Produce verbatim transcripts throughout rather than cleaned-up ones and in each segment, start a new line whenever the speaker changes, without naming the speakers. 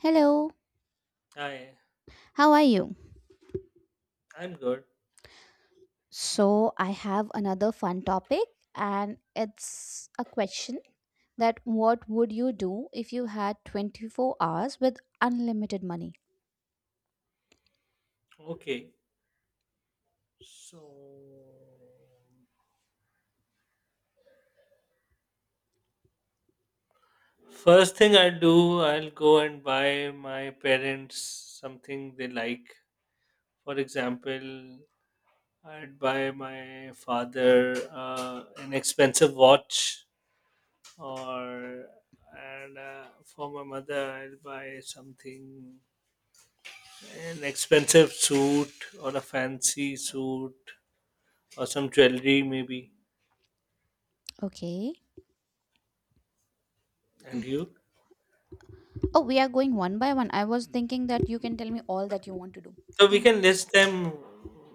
Hello,
Hi,
how are you?
I'm good.
So, I have another fun topic, and it's a question that what would you do if you had twenty-four hours with unlimited money?
Okay. So, first thing I do, I'll go and buy my parents something they like. For example, I'd buy my father uh, an expensive watch, or and uh, for my mother, I'll buy something an expensive suit or a fancy suit or some jewelry maybe.
Okay.
And you?
Oh, we are going one by one. I was thinking that you can tell me all that you want to do. I
So we
think,
can list them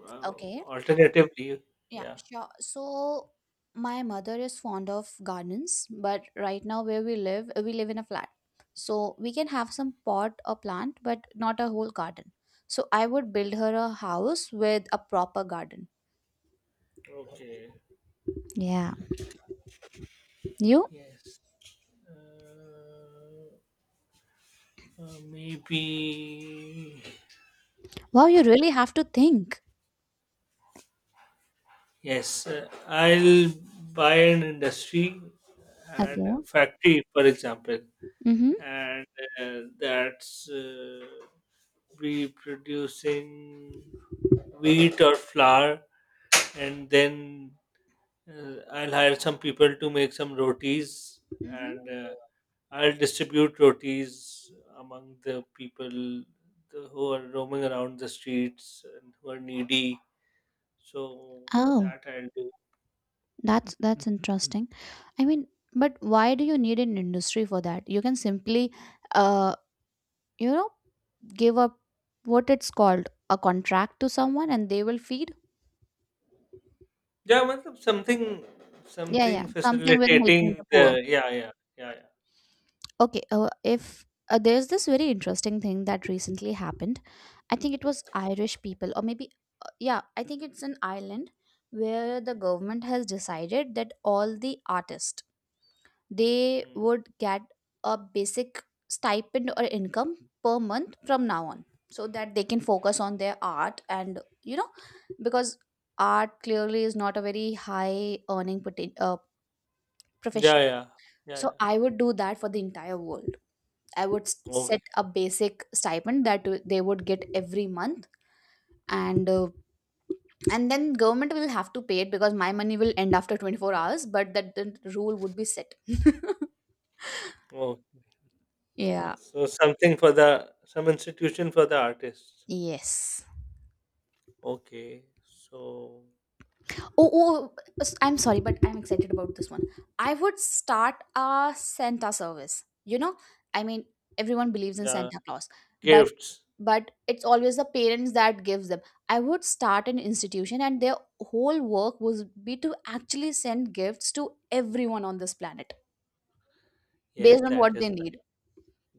uh,
okay.
alternatively.
Yeah,
Yeah.
sure. So my mother is fond of gardens, but right now where we live, uh, we live in a flat. So we can have some pot or plant, but not a whole garden. So I would build her a house with a proper garden.
Okay.
Yeah. You?
Yes. Uh, uh, Maybe.
Wow, you really have to think.
Yes. Uh, I'll buy an industry and a
Okay.
factory, for example,
Mm-hmm.
and uh, that's uh, be producing wheat or flour, and then uh, I'll hire some people to make some rotis
Mm-hmm.
and. Uh, I'll distribute rotis among the people the- who are roaming around the streets and who are needy. So
Oh,
that I'll do.
that's that's interesting. I mean, but why do you need an industry for that? You can simply, uh, you know, give up what it's called a contract to someone and they will feed
Yeah, matlab something,
yeah, yeah,
something
something with helping
facilitating
the
the.
poor.
Yeah, yeah, yeah, yeah.
Okay, uh, if uh, there's this very interesting thing that recently happened. I think it was Irish people, or maybe, uh, yeah, I think it's an island where the government has decided that all the artists, they
Hmm.
would get a basic stipend or income per month from now on, so that they can focus on their art. And you know because art clearly is not a very high earning poten- uh,
Yeah,
profession.
yeah, yeah,
So
yeah.
I would do that for the entire world. I would s-
Okay,
set a basic stipend that w- they would get every month. And uh, and then government will have to pay it because my money will end after twenty-four hours, but that the rule would be set.
okay, okay.
Yeah.
So something for the some institution for the artists.
Yes.
Okay, so
Oh, oh, s- I'm sorry, but I'm excited about this one. I would start a Santa service. You know, I mean, everyone believes in
yeah,
Santa Claus, but
gifts.
but it's always the parents that gives them. I would start an institution, and their whole work would be to actually send gifts to everyone on this planet
Yes,
based on
that
what they
is
need.
nice.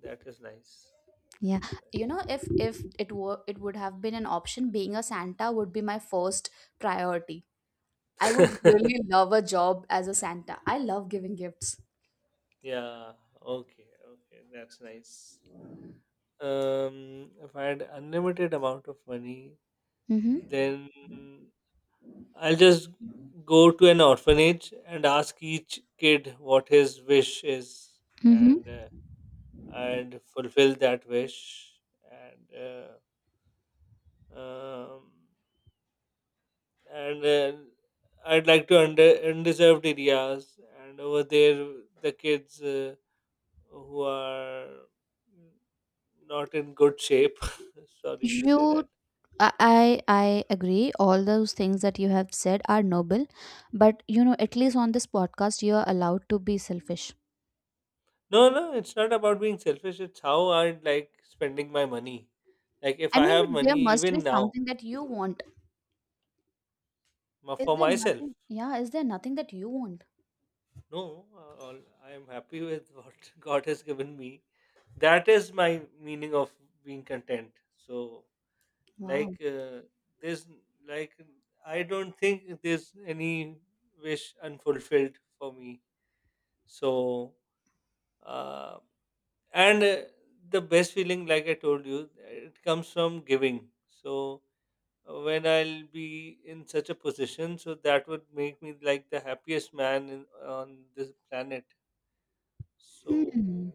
That is nice. That
Yeah, you
is
know, if if it were, it would have been an option. Being a Santa would be my first priority. I would
nice.
really love a job as a Santa. I love giving gifts.
Yeah, okay, okay, that's nice. Um, if I had unlimited amount of money,
Mhm.
then I'll just go to an orphanage and ask each kid what his wish is, and
Mhm.
uh, and fulfill that wish. And uh, um, and uh, I'd like to under undeserved areas, and over there the kids. Uh, who are mm, not in good shape. Sorry to say
You,
that.
I I I agree. All those things that you have said are noble, but you know, at least on this podcast, you are allowed to be selfish.
No, no, it's not about being selfish. It's how I like spending my money. Like if
I
I
mean,
have
but there
money,
must be
even now,
something that you want.
ma-
Is
for
there
myself,
nothing? Yeah, is there nothing that you want?
no, uh, all- I am happy with what God has given me. That is my meaning of being content. So, like,
Wow.
uh, there's like I don't think there's any wish unfulfilled for me. So, uh, and uh, the best feeling, like I told you, it comes from giving. So, uh, when I'll be in such a position, so that would make me like the happiest man in, on this planet.
Hmm.
So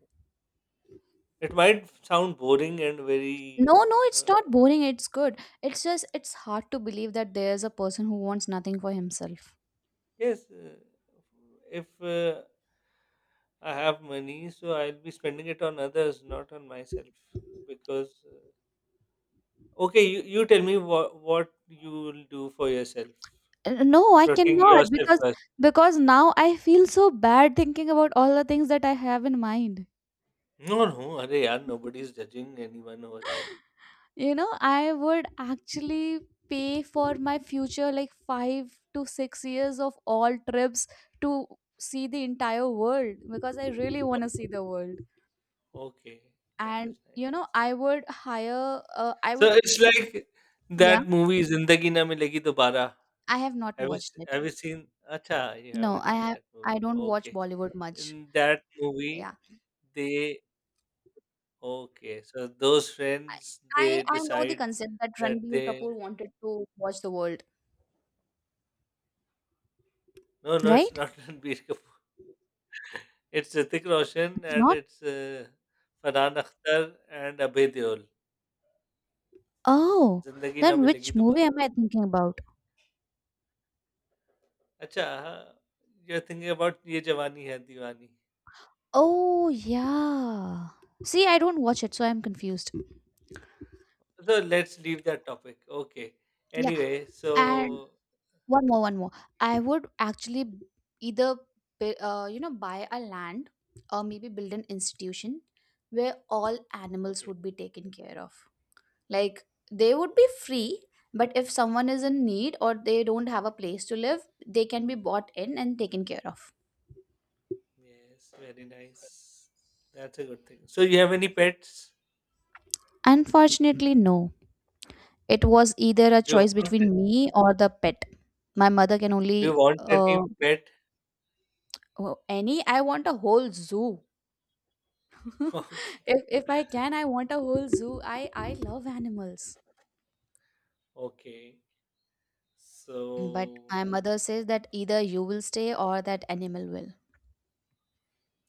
it might sound boring and very
No, no, it's
uh,
not boring. It's good. It's just it's hard to believe that there's a person who wants nothing for himself.
yes. Uh, if uh, I have money, so I'll be spending it on others, not on myself because uh, okay, you, you tell me what what you will do for yourself,
Uh, No, I
protecting
cannot,
yourself
because
first.
because now I feel so bad thinking about all the things that I have in mind.
No, no. Arey yaar, nobody's judging anyone over here.
You know, I would actually pay for my future, like five to six years of all trips, to see the entire world because I really want to see the world.
Okay, that
And,
is nice.
you know, I would hire, uh, I
So
would,
it's like
yeah.
that movie Zindagi Na Milegi Dobara.
I have not
Have you
watched
s-
it.
have you seen? Acha, you
No,
haven't
I
seen
have,
that
I
movie.
don't watch
Okay,
Bollywood much.
in that movie,
Yeah.
they okay. So those
I,
friends,
I,
they
I know the
decide
concept that
that
Ranbir
they
Kapoor wanted to watch the world,
no, no, it's
right?
not Ranbir Kapoor. It's Hrithik Roshan,
It's
and
not.
it's uh, Farhan Akhtar and Abhay Deol.
Oh,
Zindagi Na
then
Milegi
which movie
Dobara.
am I thinking about?
अच्छा, हाँ, you're thinking about ये जवानी है दीवानी.
Oh, yeah. See, I don't watch it, so I'm confused.
So let's leave that topic. Okay.
Yeah,
Anyway,
and
so
one more, one more. I would actually b- either, bu- uh, you know, buy a land, or maybe build an institution where all animals
okay,
would be taken care of. Like, they would be
okay,
free, but if someone is in need or they don't have a place to live, they can be bought in and taken care of.
yes, very nice. That's a good thing. So you have any pets?
Unfortunately, no. It was either a
Do you
choice
want?
between me or the pet. My mother can
Do you
only
want any
uh,
pet?
oh, any? I want a whole zoo.
Okay,
If if I can, I want a whole zoo. I I love animals.
okay.
But my
So
mother says that either you will stay or that animal will.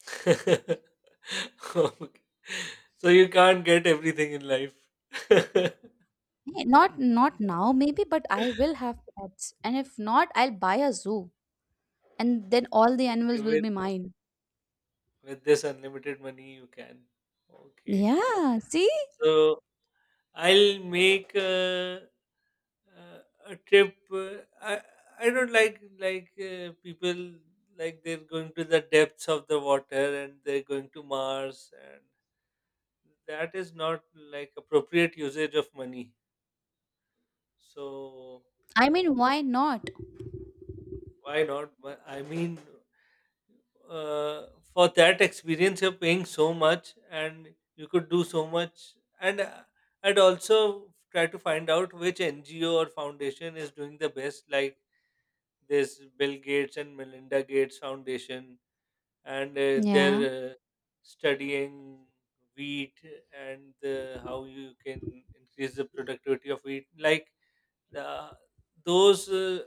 okay. So you can't get everything in life.
Eh, Not not now maybe, but I will have pets. And if not, I'll buy a zoo. And then all the
Okay,
animals will
with
be mine.
with this unlimited money, you can. Okay.
Yeah, see?
So I'll make a, uh, a trip. uh, I I don't like like uh, people, like they're going to the depths of the water, and they're going to Mars, and that is not like appropriate usage of money. So
I mean, why not?
why not? But I mean, uh, for that experience you're paying so much, and you could do so much, and uh, I'd also try to find out which N G O or foundation is doing the best, like this Bill Gates and Melinda Gates foundation, and uh,
Yeah.
they're uh, studying wheat, and uh, how you can increase the productivity of wheat, like uh, those uh,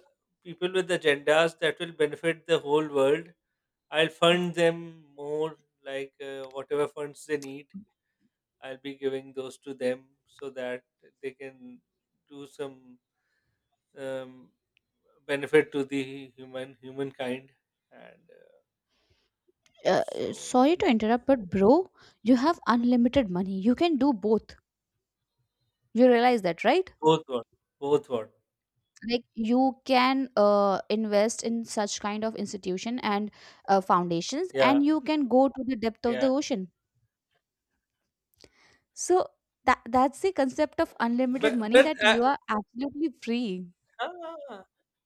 people with agendas that will benefit the whole world. I'll fund them more, like uh, whatever funds they need, I'll be giving those to them so that they can do some um, benefit to the human humankind. And uh,
Uh, uh,
so,
sorry to interrupt, but bro, you have unlimited money. You can do both. You realize that, right?
both what? Both what?
Like you can uh, invest in such kind of institution and uh, foundations,
Yeah,
and you can go to the depth of the
yeah.
ocean. So that, that's the concept of unlimited
But
money,
but
that
uh,
you are absolutely free.
ah,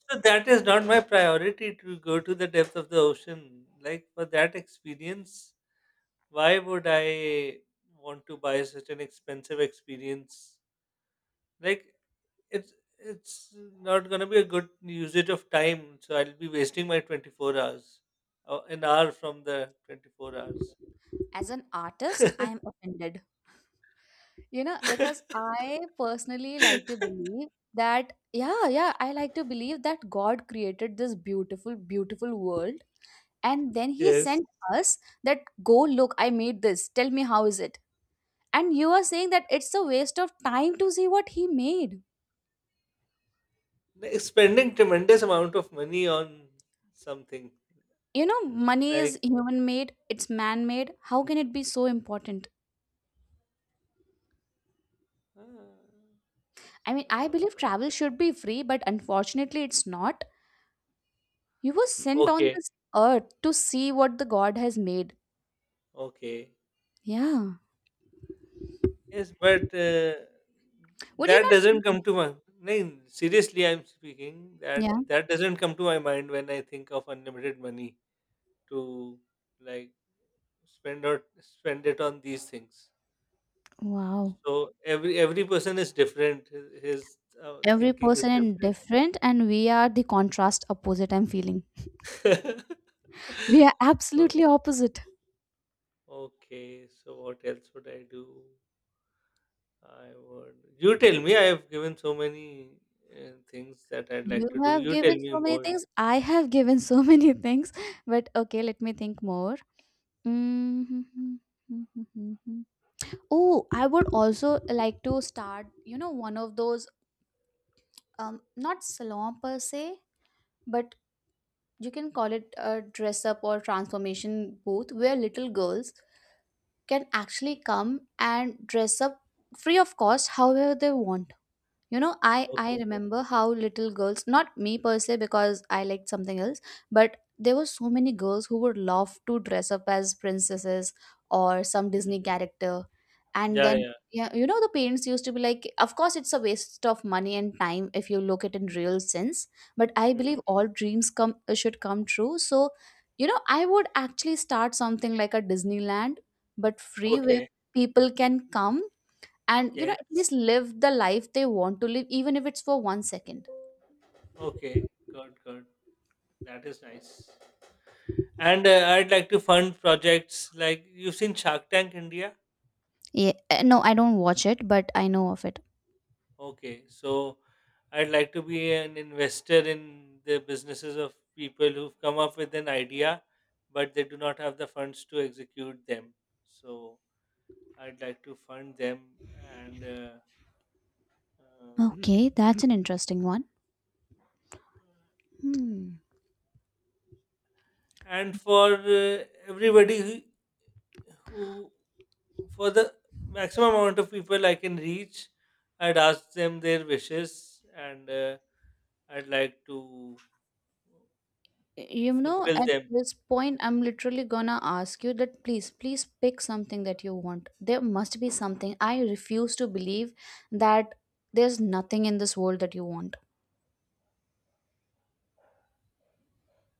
so that is not my priority to go to the depth of the ocean. Like, for that experience, why would I want to buy such an expensive experience? Like it's it's not going to be a good usage of time, so I'll be wasting my twenty-four hours, uh, an hour from the twenty-four hours.
As an artist, I am offended. You know, because I personally like to believe that, yeah, yeah, I like to believe that God created this beautiful beautiful world, and then he
Yes.
sent us that, go look, I made this, tell me how is it. And you are saying that it's a waste of time to see what he made.
Like, spending tremendous amount of money on something
You know, money is
like
human made, it's man made, how can it be so important?
uh,
I mean, I believe
uh,
travel should be free, but unfortunately it's not. You were sent on
okay,
this earth to see what the God has made.
okay,
Yeah,
yes, but uh,
would you
that
not
doesn't
eat it?
come to my no, seriously, I'm speaking, that
Yeah.
that doesn't come to my mind when I think of unlimited money to, like, spend or spend it on these things.
Wow.
So every every person is different. His, his uh,
Every
thinking is
person is
different.
different and we are the contrast opposite, I'm feeling. We are
Uh,
absolutely opposite.
okay, so what else would I do? I would. You tell me. I have given so many uh, things that I'd
You
like to do.
have
You tell
given
me
so many
more.
things. I have given so many things. But okay, let me think more. Mm-hmm. Oh, I would also like to start, you know, one of those, um, not salon per se, but you can call it a dress up or transformation booth, where little girls can actually
Mhm.
come and dress up free of cost however they want. You know, I I
Okay.
remember how little girls, not me per se because I liked something else, but there were so many girls who would love to dress up as princesses or some
Mm.
Disney character. And
Yeah,
then,
yeah.
yeah, you know the parents used to be like, of course it's a waste of money and time if you look at it in real sense, but I believe
Mm.
all dreams come should come true. So, you know, I would actually start something like a Disneyland, but free, where
Okay.
people can come and you know at
Yes.
least live the life they want to live, even if it's for one second.
Okay. Good. Good. That is nice. And uh, I'd like to fund projects, like you've seen Shark Tank India.
Yeah, uh, no, I don't watch it, but I know of it.
Okay, so I'd like to be an investor in the businesses of people who've come up with an idea, but they do not have the funds to execute them. So I'd like to fund them and. Uh, uh,
Okay, that's an interesting one. Hmm.
and for uh, everybody, who who for the maximum amount of people I can reach, I'd ask them their wishes, and uh, I'd like to
You know,
fulfill
at
them.
this point I'm literally gonna ask you that, please, please pick something that you want. There must be something. I refuse to believe that there's nothing in this world that you want.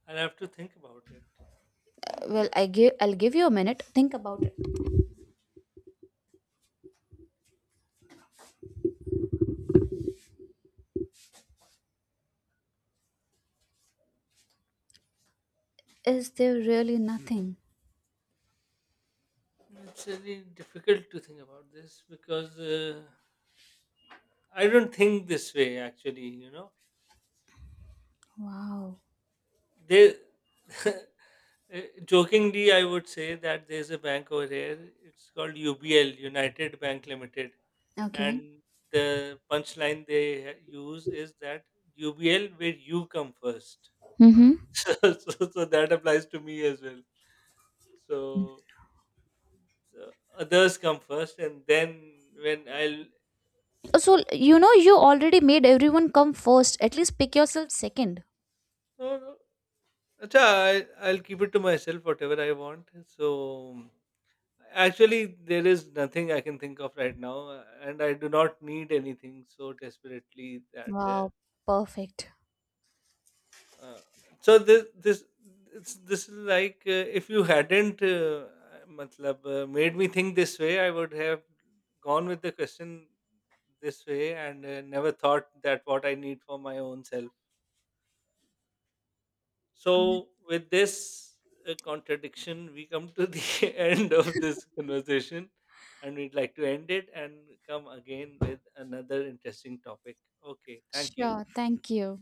I'll have to think about it.
Well, i give I'll give you a minute, think about it. Is there really nothing?
It's really difficult to think about this because uh, I don't think this way actually, you know.
Wow.
They Uh, jokingly, I would say that there's a bank over here. It's called U B L, United Bank Limited,
Okay.
and the punchline they ha- use is that U B L where you come first.
Mm-hmm.
so, so, so that applies to me as well. So, so others come first, and then when I'll
So, you know, you already made everyone come first. At least pick yourself second.
no, no. Acha, I, I'll keep it to myself whatever I want. So actually, there is nothing I can think of right now, uh, and I do not need anything so desperately that.
Wow, perfect.
Uh, uh, so this this it's this is like uh, if you hadn't, uh, matlab, uh, made me think this way, I would have gone with the question this way, and uh, never thought that what I need for my own self. So, with this uh, contradiction, we come to the end of this conversation, and we'd like to end it and come again with another interesting topic. Okay, thank you.
Sure. Thank you.